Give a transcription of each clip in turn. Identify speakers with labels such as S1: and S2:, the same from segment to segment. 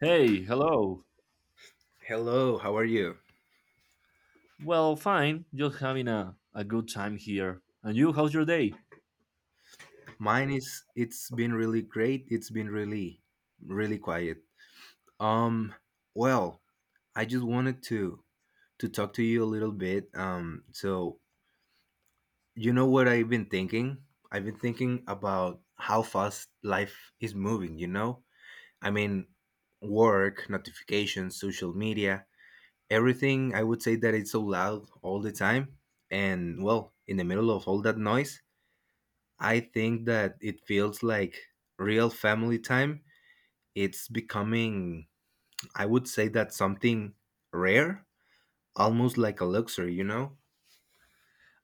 S1: Hey, hello.
S2: Hello, how are you?
S1: Well, fine. Just having a good time here. And you, how's your day?
S2: Mine is it's been really great. It's been really quiet. Um well, I just wanted to talk to you a little bit. You know what I've been thinking? I've been thinking about how fast life is moving, you know? I mean, work, notifications, social media, everything. I would say that it's so loud all the time. And well, in the middle of all that noise, I think that it feels like real family time. It's becoming, I would say that something rare, almost like a luxury, you know?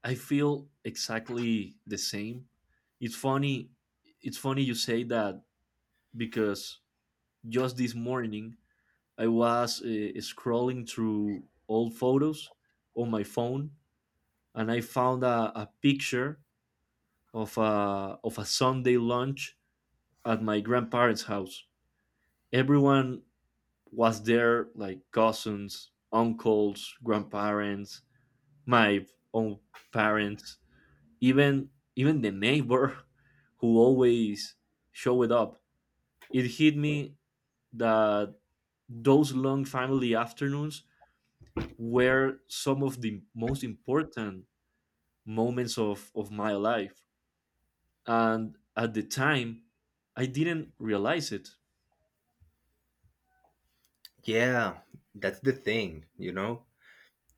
S1: I feel exactly the same. It's funny. It's funny you say that because just this morning I was scrolling through old photos on my phone, and I found a picture of a Sunday lunch at my grandparents' house. Everyone was there, like cousins, uncles, grandparents, my own parents, even the neighbor who always showed up. It hit me that those long family afternoons were some of the most important moments of my life. And at the time, I didn't realize it.
S2: Yeah, that's the thing, you know?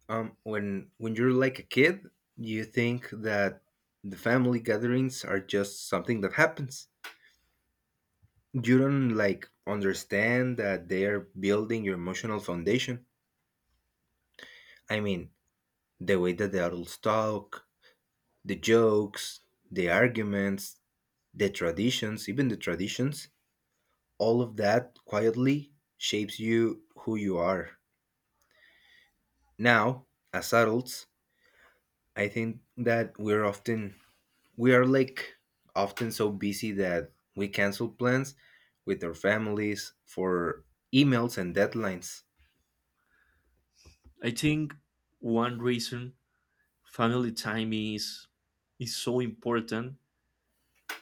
S2: When you're like a kid, you think that the family gatherings are just something that happens. You don't like understand that they're building your emotional foundation. I mean, the way that the adults talk, the jokes, the arguments, the traditions, even the traditions, all of that quietly shapes you who you are. Now, as adults, I think that we are often so busy that we cancel plans with our families for emails and deadlines.
S1: I think one reason family time is so important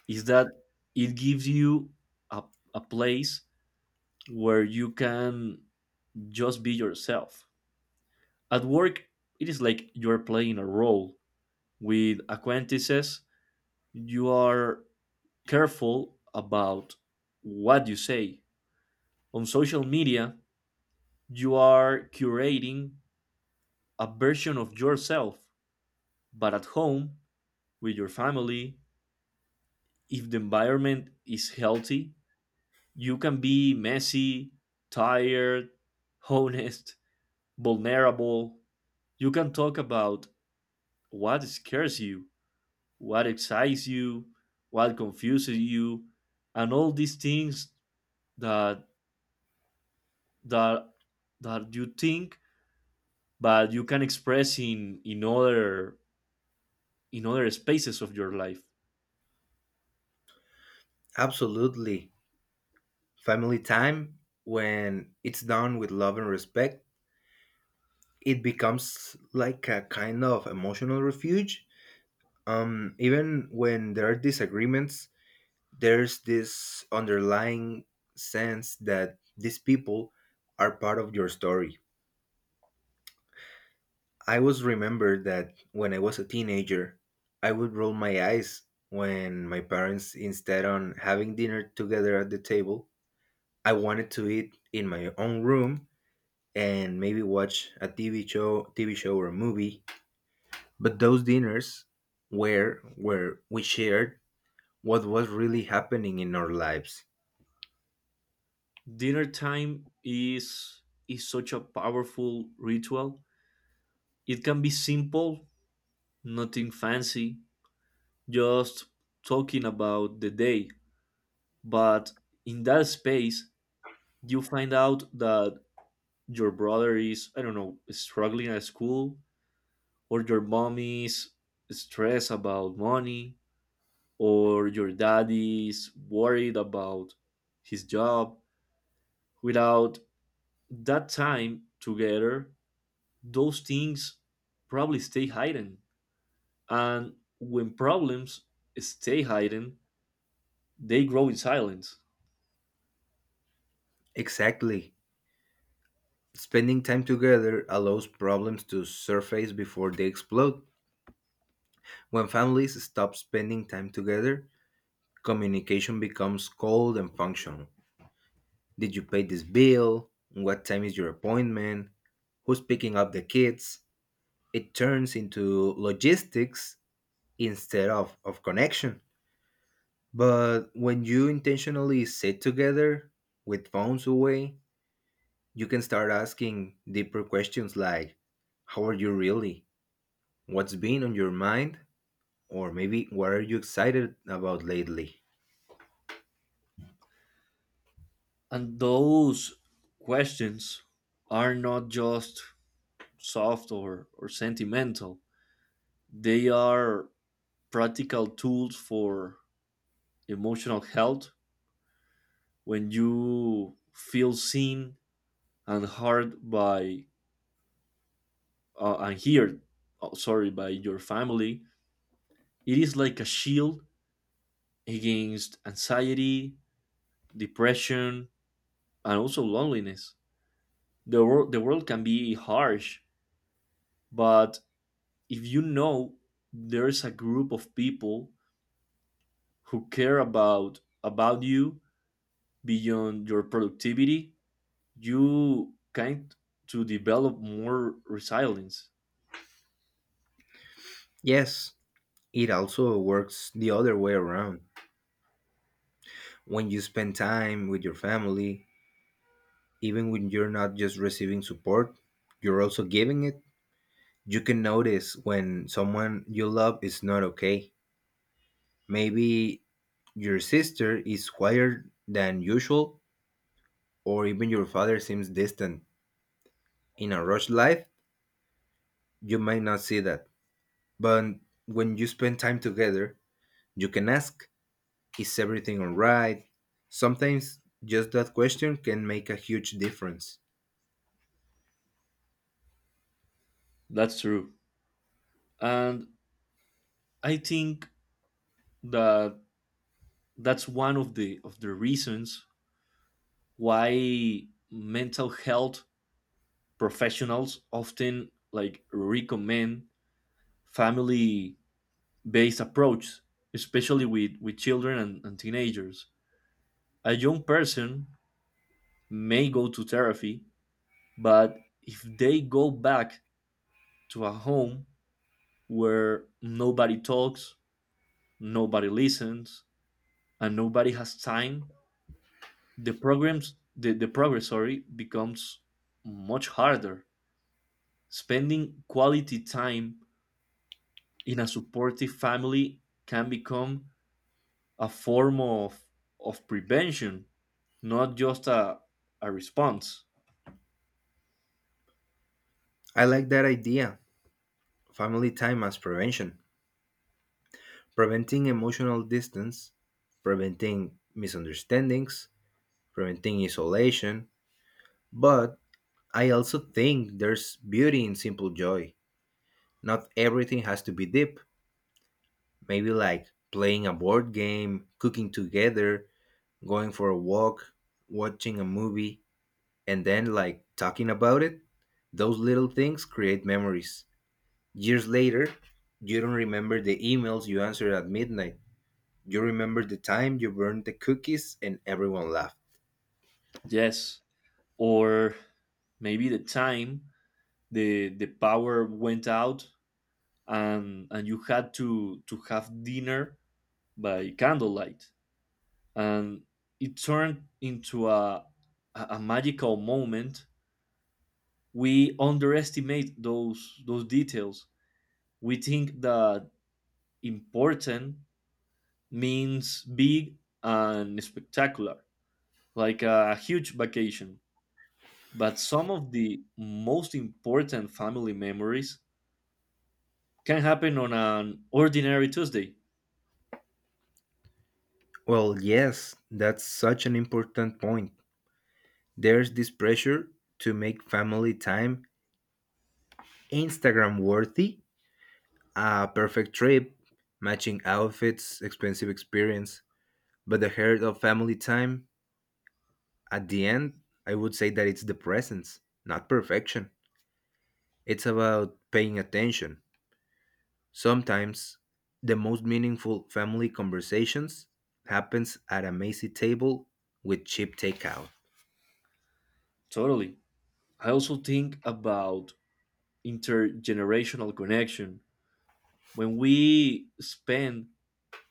S1: is that it gives you a, a place where you can just be yourself. At work, it is like you're playing a role. With acquaintances, you are careful about what you say. On social media, you are curating a version of yourself. But at home, with your family, if the environment is healthy, you can be messy, tired, honest, vulnerable. You can talk about what scares you, what excites you, what confuses you, and all these things that that that you think but you can express in other spaces of your life.
S2: Absolutely. Family time when it's done with love and respect, it becomes like a kind of emotional refuge even when there are disagreements there's this underlying sense that these people are part of your story. I was remembered that when I was a teenager, I would roll my eyes when my parents, instead on having dinner together at the table, I wanted to eat in my own room and maybe watch a TV show or a movie. But those dinners were where we shared what was really happening in our lives.
S1: Dinner time is such a powerful ritual. It can be simple, nothing fancy, just talking about the day, but in that space you find out that your brother is, I don't know, struggling at school, or your mom is stressed about money, or your daddy is worried about his job. Without that time together, those things probably stay hidden. And when problems stay hidden, they grow in silence.
S2: Exactly. Spending time together allows problems to surface before they explode. When families stop spending time together, communication becomes cold and functional. Did you pay this bill? What time is your appointment? Who's picking up the kids? It turns into logistics instead of connection. But when you intentionally sit together with phones away, you can start asking deeper questions like, how are you really? What's been on your mind? Or maybe what are you excited about lately?
S1: And those questions are not just soft or sentimental. They are practical tools for emotional health. When you feel seen and heard by and heard oh, sorry by your family, it is like a shield against anxiety, depression, and also loneliness. The world can be harsh, but if you know there is a group of people who care about you beyond your productivity, you kind to develop more resilience.
S2: Yes, it also works the other way around. When you spend time with your family, even when you're not just receiving support, you're also giving it. You can notice when someone you love is not okay. Maybe your sister is quieter than usual, or even your father seems distant. In a rushed life, you might not see that. But when you spend time together, you can ask, is everything alright? Sometimes just that question can make a huge difference.
S1: That's true, and I think that that's one of the reasons why mental health professionals often like recommend family based approach, especially with children and teenagers. A young person may go to therapy, but if they go back to a home where nobody talks, nobody listens, and nobody has time, the programs the progress sorry becomes much harder. Spending quality time in a supportive family can become a form of prevention, not just a response.
S2: I like that idea, family time as prevention, preventing emotional distance, preventing misunderstandings, preventing isolation. But I also think there's beauty in simple joy. Not everything has to be deep. Maybe like playing a board game, cooking together, going for a walk, watching a movie and then like talking about it. Those little things create memories. Years later you don't remember the emails you answered at midnight, you remember the time you burned the cookies and everyone laughed.
S1: Yes, or maybe the time the power went out, and you had to have dinner by candlelight, and it turned into a magical moment. We underestimate those details. We think that important means big and spectacular, like a huge vacation. But some of the most important family memories can happen on an ordinary Tuesday.
S2: Well, yes, that's such an important point. There's this pressure to make family time Instagram worthy, a perfect trip, matching outfits, expensive experience. But the heart of family time, at the end, I would say that it's the presence, not perfection. It's about paying attention. Sometimes the most meaningful family conversations happens at a messy table with cheap takeout.
S1: Totally. I also think about intergenerational connection. When we spend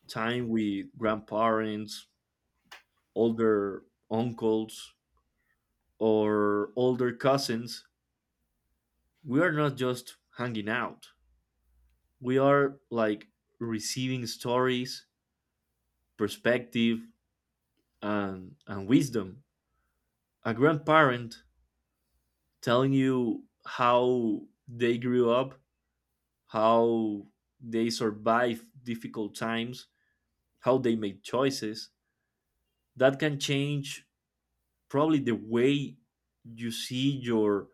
S1: time with grandparents, older uncles, or older cousins, we are not just hanging out. We are like receiving stories, perspective, and wisdom. A grandparent telling you how they grew up, how they survived difficult times, how they made choices, that can change probably the way you see your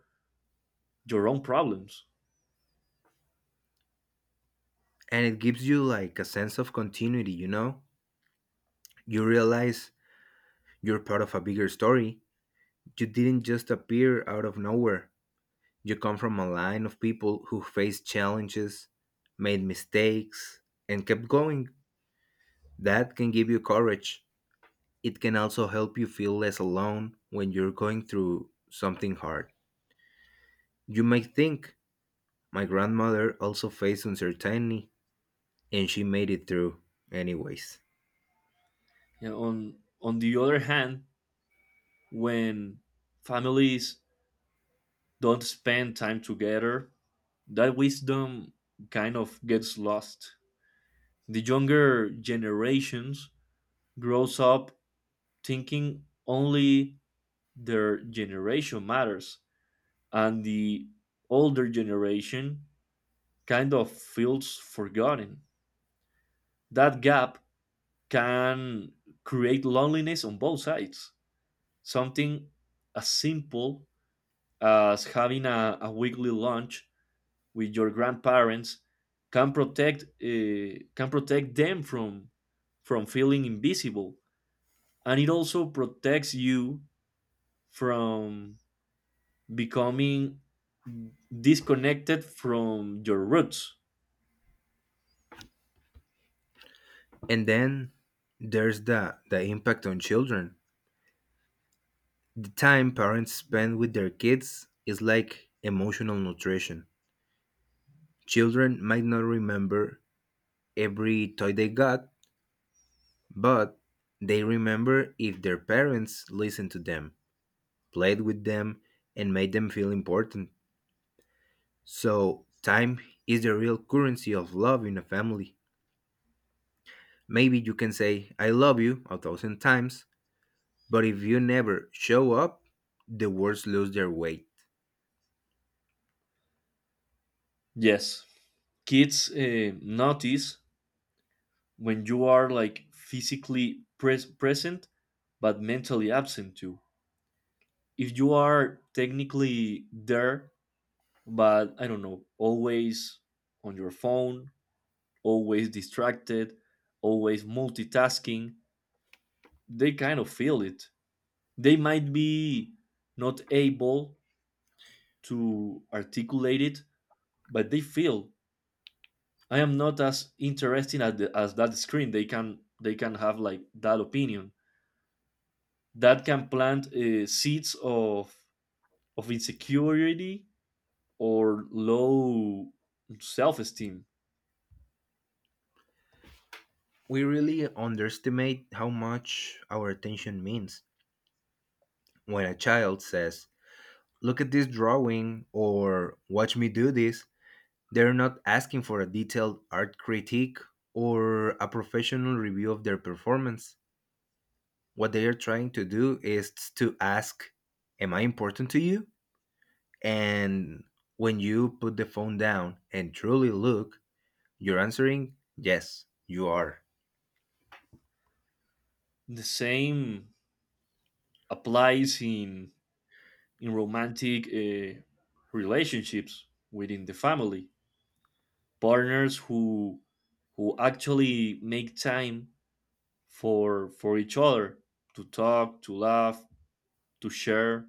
S1: your own problems.
S2: And it gives you like a sense of continuity, you know? You realize you're part of a bigger story. You didn't just appear out of nowhere. You come from a line of people who faced challenges, made mistakes, and kept going. That can give you courage. It can also help you feel less alone when you're going through something hard. You may think, my grandmother also faced uncertainty and she made it through anyways.
S1: You know, on the other hand, when families don't spend time together, that wisdom kind of gets lost. The younger generations grows up thinking only their generation matters, and the older generation kind of feels forgotten. That gap can create loneliness on both sides. Something as simple as having a weekly lunch with your grandparents can protect them from feeling invisible, and it also protects you from becoming disconnected from your roots.
S2: And then there's the impact on children. The time parents spend with their kids is like emotional nutrition. Children might not remember every toy they got, but they remember if their parents listened to them, played with them, and made them feel important. So, time is the real currency of love in a family. Maybe you can say, I love you a thousand times, but if you never show up, the words lose their weight.
S1: Yes, kids notice when you are like physically present but mentally absent too. If you are technically there but, I don't know, always on your phone, always distracted, always multitasking, they kind of feel it. They might be not able to articulate it, but they feel I am not as interesting as that screen. They can have like that opinion that can plant seeds of insecurity or low self-esteem.
S2: We really underestimate how much our attention means. When a child says, look at this drawing or watch me do this, they're not asking for a detailed art critique or a professional review of their performance. What they are trying to do is to ask, am I important to you? And when you put the phone down and truly look, you're answering, yes, you are.
S1: The same applies in romantic relationships within the family. Partners who actually make time for each other, to talk, to laugh, to share,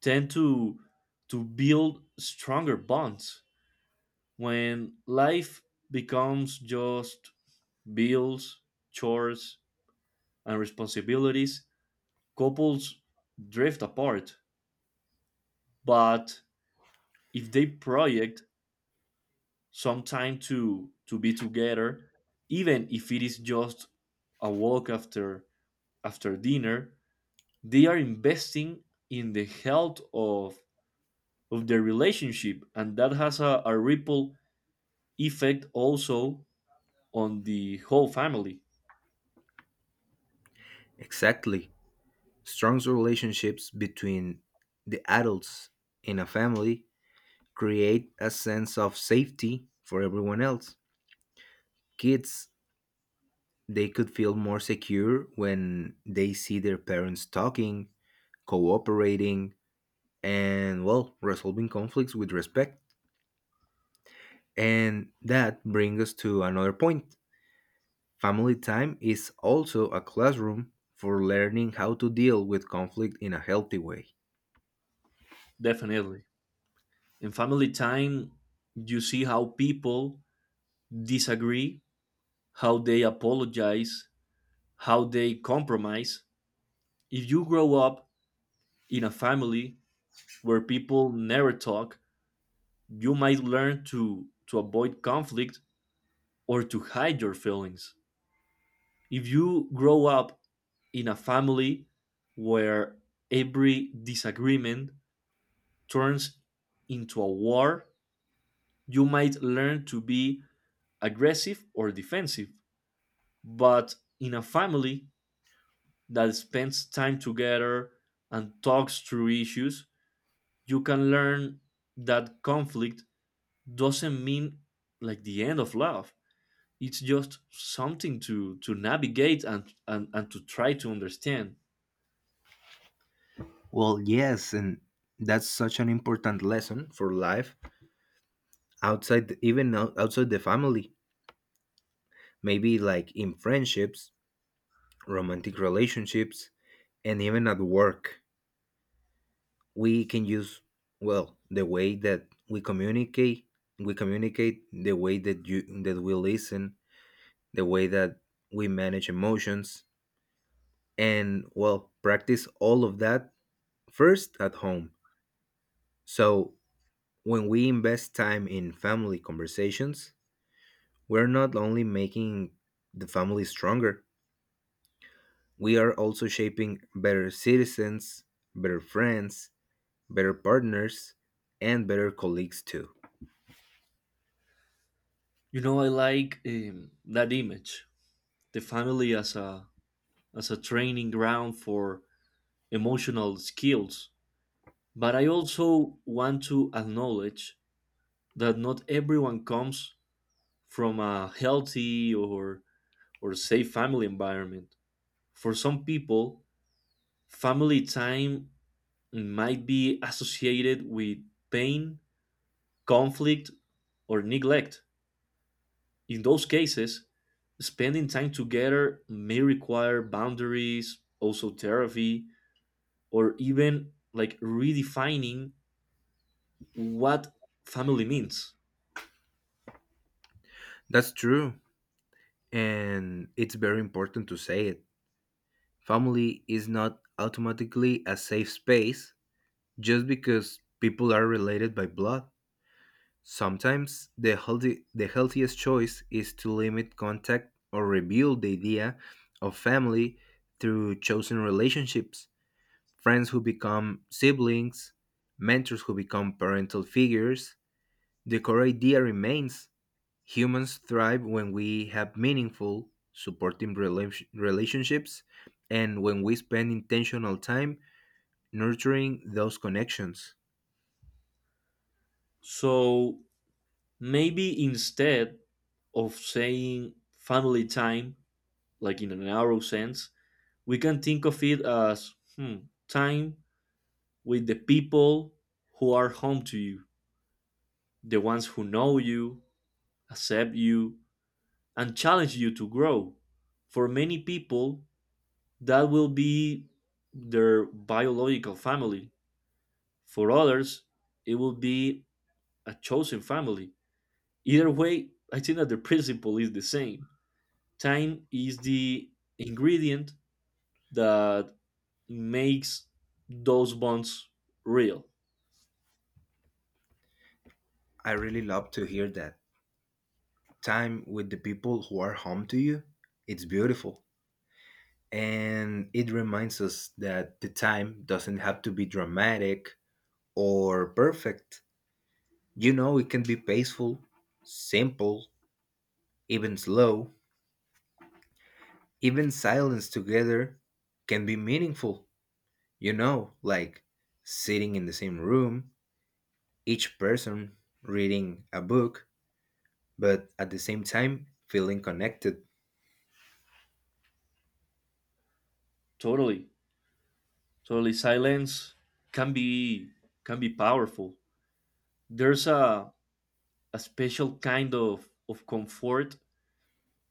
S1: tend to build stronger bonds. When life becomes just bills, chores, and responsibilities, couples drift apart. But if they project some time to be together, even if it is just a walk after dinner, they are investing in the health of their relationship, and that has a ripple effect also on the whole family.
S2: Exactly. Strong relationships between the adults in a family create a sense of safety for everyone else. Kids, they could feel more secure when they see their parents talking, cooperating, and well, resolving conflicts with respect. And that brings us to another point. Family time is also a classroom for learning how to deal with conflict in a healthy way.
S1: Definitely, in family time you see how people disagree, how they apologize, how they compromise. If you grow up in a family where people never talk, you might learn to avoid conflict or to hide your feelings. If you grow up in a family where every disagreement turns into a war, you might learn to be aggressive or defensive. But in a family that spends time together and talks through issues, you can learn that conflict doesn't mean like the end of love. It's just something to navigate and and to try to understand.
S2: Well, yes, and that's such an important lesson for life even outside the family. Maybe like in friendships, romantic relationships, and even at work. We can use well the way that we communicate. We communicate the way that we listen, the way that we manage emotions, and well, practice all of that first at home. So when we invest time in family conversations, we're not only making the family stronger, we are also shaping better citizens, better friends, better partners, and better colleagues too.
S1: You know, I like that image, the family as a training ground for emotional skills. But I also want to acknowledge that not everyone comes from a healthy or safe family environment. For some people, family time might be associated with pain, conflict, or neglect. In those cases, spending time together may require boundaries, also therapy, or even like redefining what family means.
S2: That's true. And it's very important to say it. Family is not automatically a safe space just because people are related by blood. Sometimes the healthiest choice is to limit contact or rebuild the idea of family through chosen relationships, friends who become siblings, mentors who become parental figures. The core idea remains, humans thrive when we have meaningful, supporting relationships and when we spend intentional time nurturing those connections.
S1: So maybe instead of saying family time, like in a narrow sense, we can think of it as time with the people who are home to you, the ones who know you, accept you, and challenge you to grow. For many people, that will be their biological family. For others, it will be a chosen family. Either way, I think that the principle is the same. Time is the ingredient that makes those bonds real.
S2: I really love to hear that. Time with the people who are home to you, it's beautiful. And it reminds us that the time doesn't have to be dramatic or perfect. You know, it can be peaceful, simple, even slow. Even silence together can be meaningful. You know, like sitting in the same room, each person reading a book, but at the same time feeling connected.
S1: Totally. Totally, silence can be powerful. There's a special kind of comfort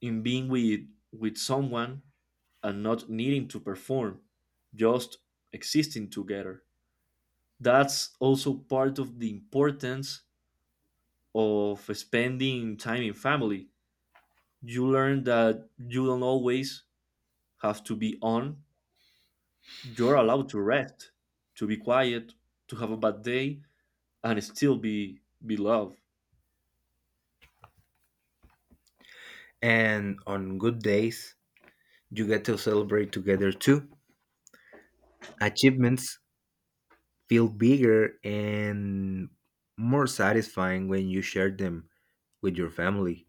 S1: in being with someone and not needing to perform, just existing together. That's also part of the importance of spending time in family. You learn that you don't always have to be on. You're allowed to rest, to be quiet, to have a bad day, and still be loved.
S2: And on good days, you get to celebrate together too. Achievements feel bigger and more satisfying when you share them with your family.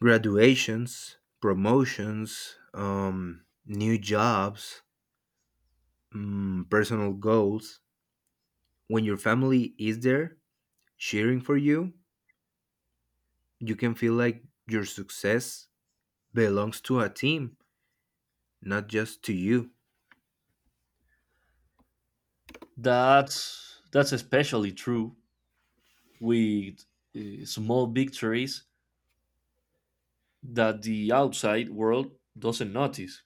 S2: Graduations, promotions, new jobs, personal goals. When your family is there cheering for you, you can feel like your success belongs to a team, not just to you.
S1: That's especially true with small victories that the outside world doesn't notice.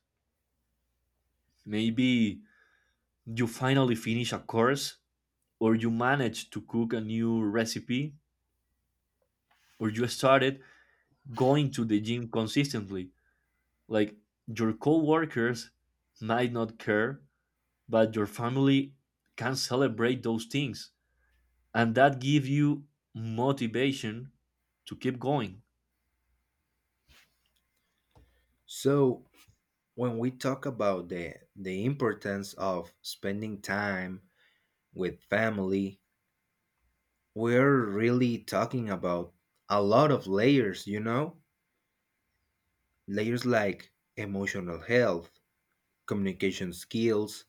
S1: Maybe you finally finish a course, or you manage to cook a new recipe, or you started going to the gym consistently. Like, your coworkers might not care, but your family can celebrate those things, and that give you motivation to keep going.
S2: So, when we talk about the importance of spending time with family, we're really talking about a lot of layers, you know? Layers like emotional health, communication skills,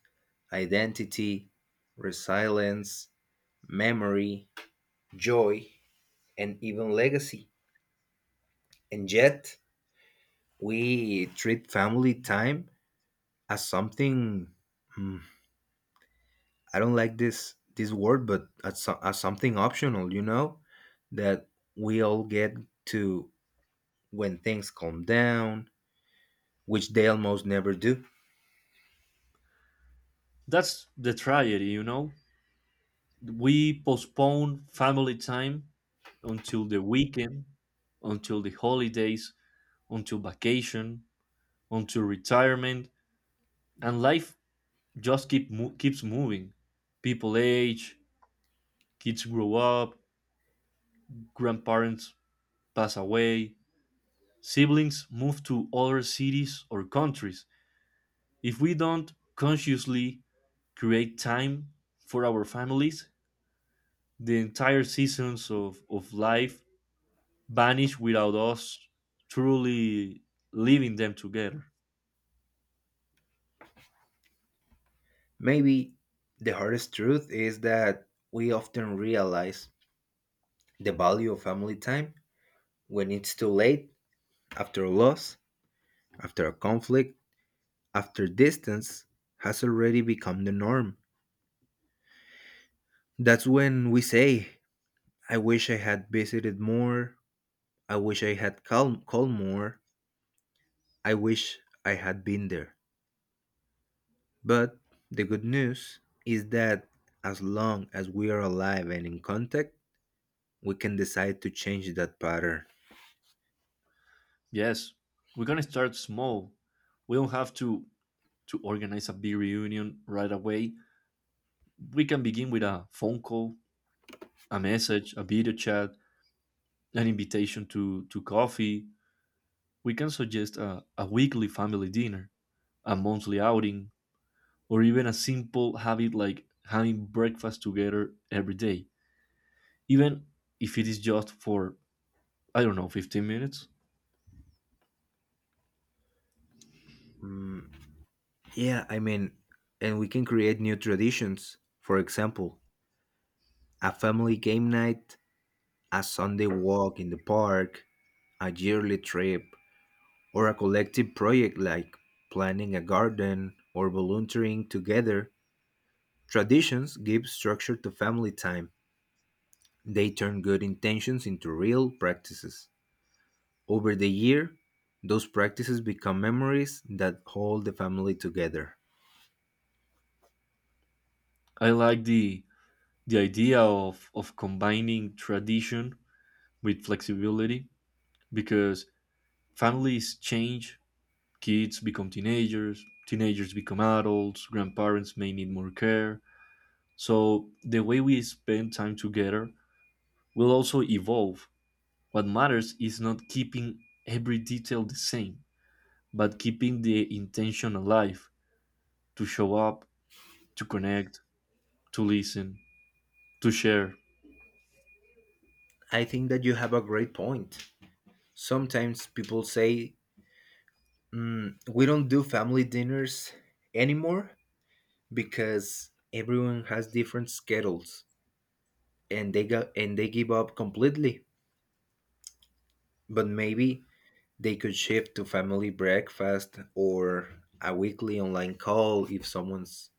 S2: identity, resilience, memory, joy, and even legacy. And yet, we treat family time as something, mm, I don't like this word, but as, as something optional, you know, that we all get to when things calm down, which they almost never do.
S1: That's the tragedy, you know. We postpone family time until the weekend, until the holidays, until vacation, until retirement, and life just keeps moving. People age, kids grow up, grandparents pass away, siblings move to other cities or countries. If we don't consciously create time for our families, the entire seasons of life vanish without us truly living them together.
S2: Maybe the hardest truth is that we often realize the value of family time when it's too late, after a loss, after a conflict, after distance has already become the norm. That's when we say, I wish I had visited more, I wish I had called more, I wish I had been there. But the good news is that as long as we are alive and in contact, we can decide to change that pattern.
S1: Yes, we're gonna start small. We don't have to organize a big reunion right away. We can begin with a phone call, a message, a video chat, an invitation to coffee. We can suggest a weekly family dinner, a monthly outing, or even a simple habit like having breakfast together every day, even if it is just for, I don't know, 15 minutes.
S2: Mm, yeah, I mean, and we can create new traditions. For example, a family game night, a Sunday walk in the park, a yearly trip, or a collective project like planning a garden or volunteering together. Traditions give structure to family time. They turn good intentions into real practices. Over the year, those practices become memories that hold the family together.
S1: I like the idea of combining tradition with flexibility, because families change. Kids become teenagers, teenagers become adults, grandparents may need more care. So the way we spend time together will also evolve. What matters is not keeping every detail the same, but keeping the intention alive, to show up, to connect, to listen, to share.
S2: I think that you have a great point. Sometimes people say, We don't do family dinners anymore because everyone has different schedules" and they got and they give up completely. But maybe they could shift to family breakfast or a weekly online call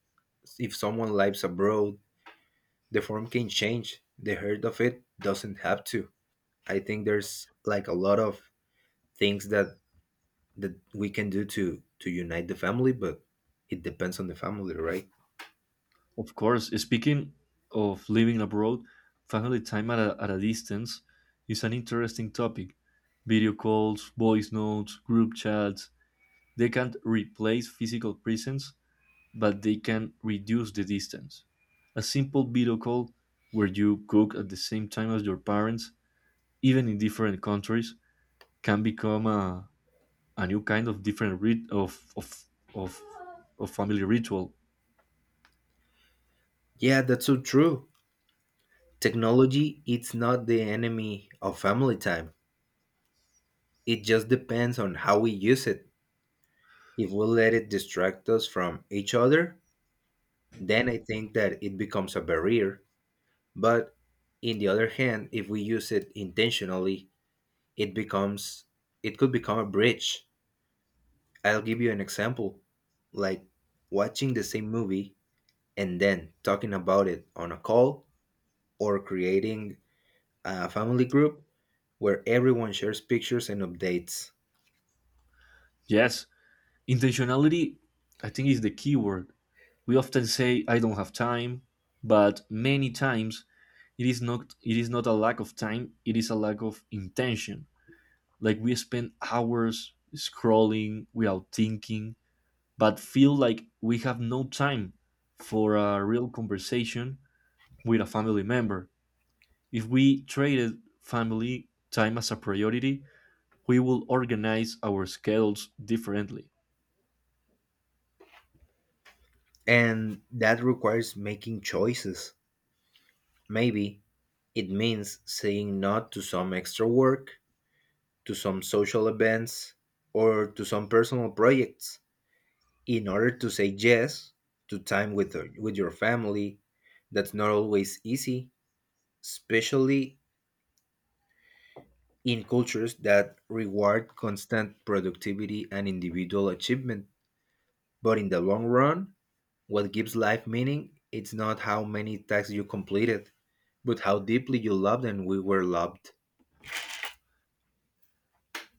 S2: if someone lives abroad. The form can change. The heart of it doesn't have to. I think there's like a lot of things that we can do to unite the family, but it depends on the family, right?
S1: Of course, speaking of living abroad, family time at a distance is an interesting topic. Video calls, voice notes, group chats, they can't replace physical presence, but they can reduce the distance. A simple video call where you cook at the same time as your parents, even in different countries, can become a new kind of different of, of family ritual.
S2: Yeah, that's so true. Technology it's not the enemy of family time. It just depends on how we use it. If we let it distract us from each other, then I think that it becomes a barrier. But in the other hand, if we use it intentionally, it becomes — it could become a bridge. I'll give you an example, like watching the same movie and then talking about it on a call, or creating a family group where everyone shares pictures and updates.
S1: Yes, intentionality, I think, is the key word. We often say, I don't have time, but many times it is not a lack of time, it is a lack of intention. Like, we spend hours scrolling without thinking, but feel like we have no time for a real conversation with a family member. If we traded family time as a priority, we will organize our schedules differently.
S2: And that requires making choices. Maybe it means saying no to some extra work, to some social events, or to some personal projects in order to say yes to time with your family. That's not always easy, especially in cultures that reward constant productivity and individual achievement. But in the long run, what gives life meaning, it's not how many tasks you completed, but how deeply you loved and we were loved.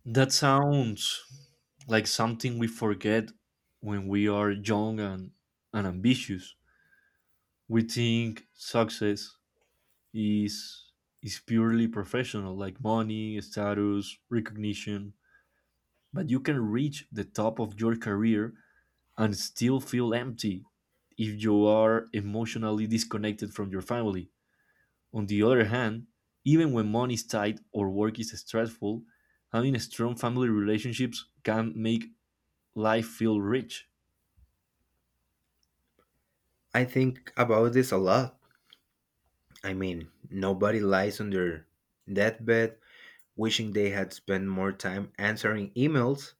S1: That sounds like something we forget when we are young and ambitious. We think success is is purely professional, like money, status, recognition. But you can reach the top of your career and still feel empty if you are emotionally disconnected from your family. On the other hand, even when money is tight or work is stressful, having strong family relationships can make life feel rich.
S2: I think about this a lot. I mean, nobody lies on their deathbed wishing they had spent more time answering emails.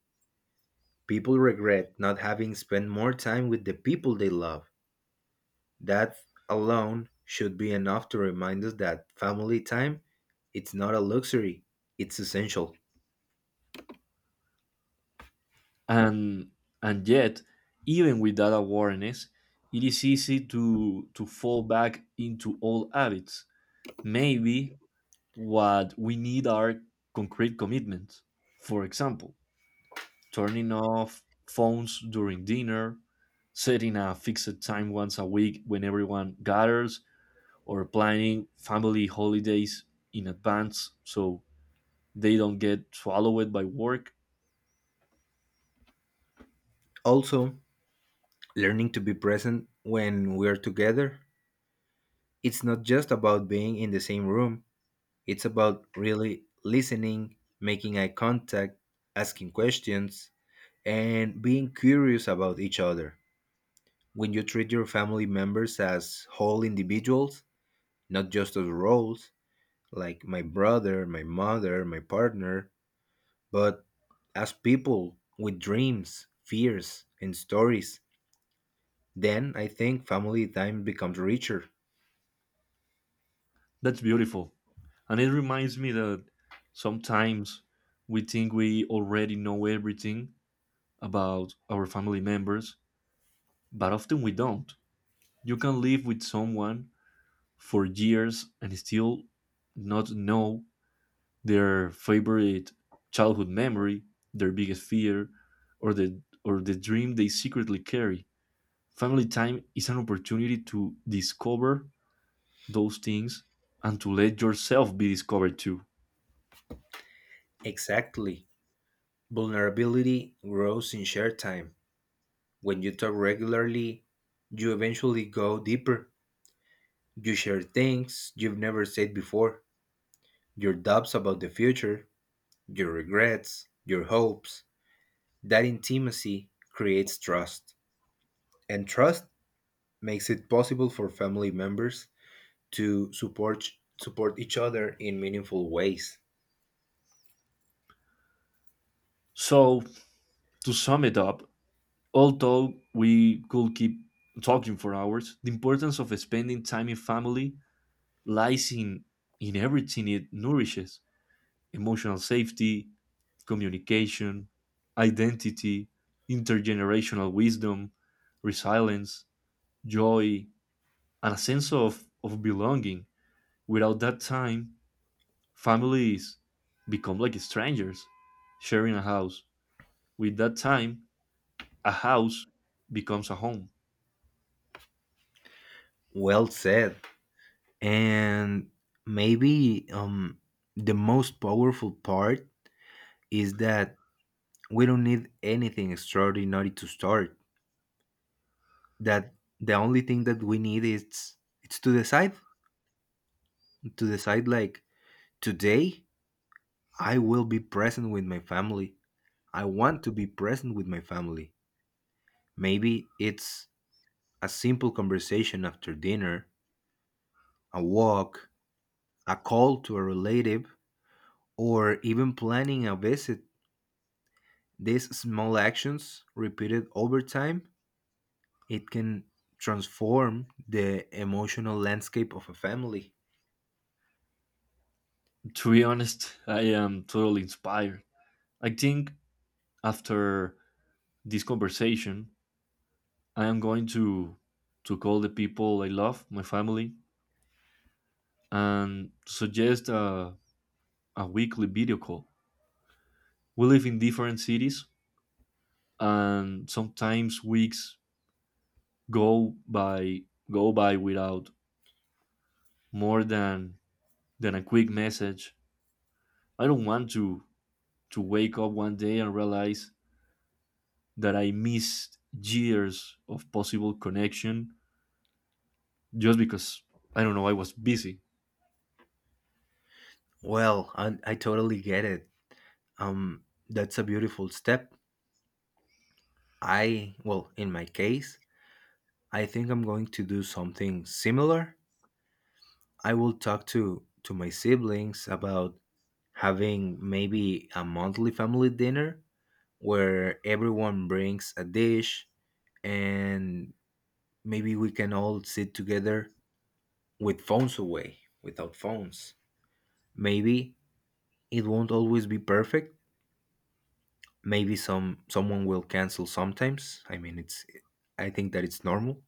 S2: People regret not having spent more time with the people they love. That alone should be enough to remind us that family time, it's not a luxury, it's essential.
S1: And and yet, even with that awareness, it is easy to fall back into old habits. Maybe what we need are concrete commitments. For example, turning off phones during dinner, setting a fixed time once a week when everyone gathers, or planning family holidays in advance so they don't get swallowed by work.
S2: Also, learning to be present when we're together. It's not just about being in the same room, it's about really listening, making eye contact, asking questions, and being curious about each other. When you treat your family members as whole individuals, not just as roles like my brother, my mother, my partner, but as people with dreams, fears, and stories. Then I think family time becomes richer.
S1: That's beautiful. And it reminds me that sometimes we think we already know everything about our family members, but often we don't. You can live with someone for years and still not know their favorite childhood memory, their biggest fear, or the dream they secretly carry. Family time is an opportunity to discover those things and to let yourself be discovered too.
S2: Exactly. Vulnerability grows in shared time. When you talk regularly, you eventually go deeper. You share things you've never said before, your doubts about the future, your regrets, your hopes. That intimacy creates trust. And trust makes it possible for family members to support each other in meaningful ways.
S1: So, to sum it up, although we could keep talking for hours, the importance of spending time in family lies in everything it nourishes: emotional safety, communication, identity, intergenerational wisdom, resilience, joy, and a sense of belonging. Without that time, families become like strangers sharing a house. With that time, a house becomes a home.
S2: Well said. And maybe, the most powerful part is that we don't need anything extraordinary to start. That the only thing that we need is, it's to decide, like today, I will be present with my family. I want to be present with my family. Maybe it's a simple conversation after dinner, a walk, a call to a relative, or even planning a visit. These small actions, repeated over time, it can transform the emotional landscape of a family.
S1: To be honest, I am totally inspired. I think after this conversation, I am going to call the people I love, my family, and suggest a weekly video call. We live in different cities, and sometimes weeks go by go by without more than a quick message. I don't want to wake up one day and realize that I missed years of possible connection just because, I don't know, I was busy.
S2: Well, I totally get it. That's a beautiful step. I, well, in my case, I think I'm going to do something similar. I will talk to my siblings about having maybe a monthly family dinner where everyone brings a dish, and maybe we can all sit together with phones away, without phones. Maybe it won't always be perfect, maybe someone will cancel sometimes. I mean, it's, I think that it's normal,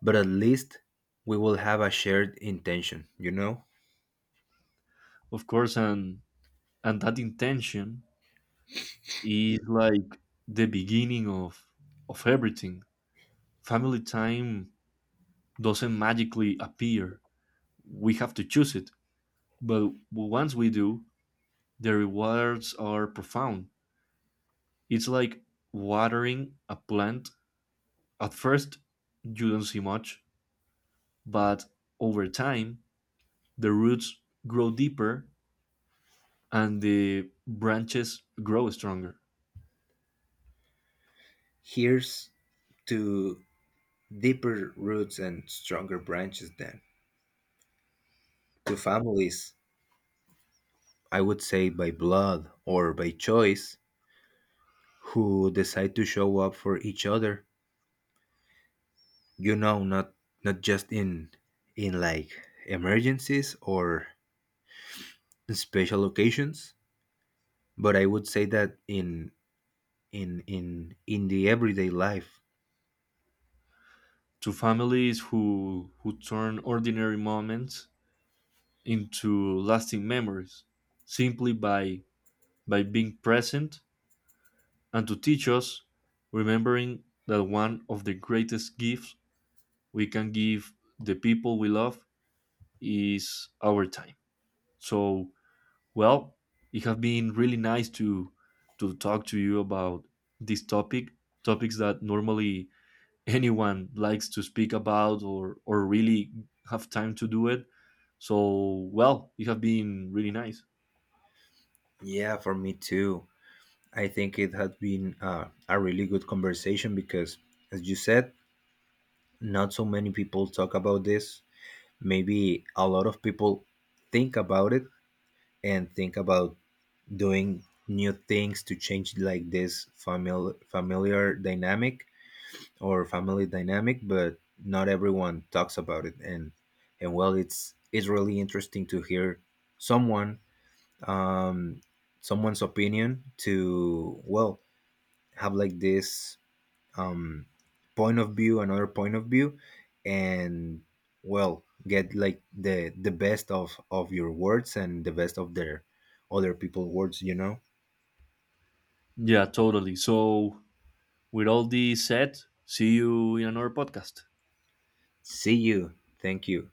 S2: but at least we will have a shared intention, you know?
S1: Of course, and that intention is like the beginning of everything. Family time doesn't magically appear. We have to choose it. But once we do, the rewards are profound. It's like watering a plant. At first, you don't see much, but over time, the roots grow deeper and the branches grow stronger.
S2: Here's to deeper roots and stronger branches. Then to families, I would say by blood or by choice, who decide to show up for each other. You know, not just in like emergencies or special occasions, but I would say that in in the everyday life.
S1: To families who turn ordinary moments into lasting memories simply by being present, and to teach us, remembering that one of the greatest gifts we can give the people we love is our time. So, well, it has been really nice to talk to you about this topic, topics that normally anyone likes to speak about or really have time to do it. So, well, it has been really nice.
S2: Yeah, for me too. I think it had been a really good conversation because, as you said, not so many people talk about this. Maybe a lot of people think about it, and think about doing new things to change like this family familiar dynamic, or family dynamic, but not everyone talks about it. And well, it's really interesting to hear someone, um someone's opinion, to well, have like this, um, point of view, another point of view, and well, get like the best of your words and the best of their other people words. You know.
S1: Yeah, totally. So, with all this said, see you in another podcast.
S2: See you. Thank you.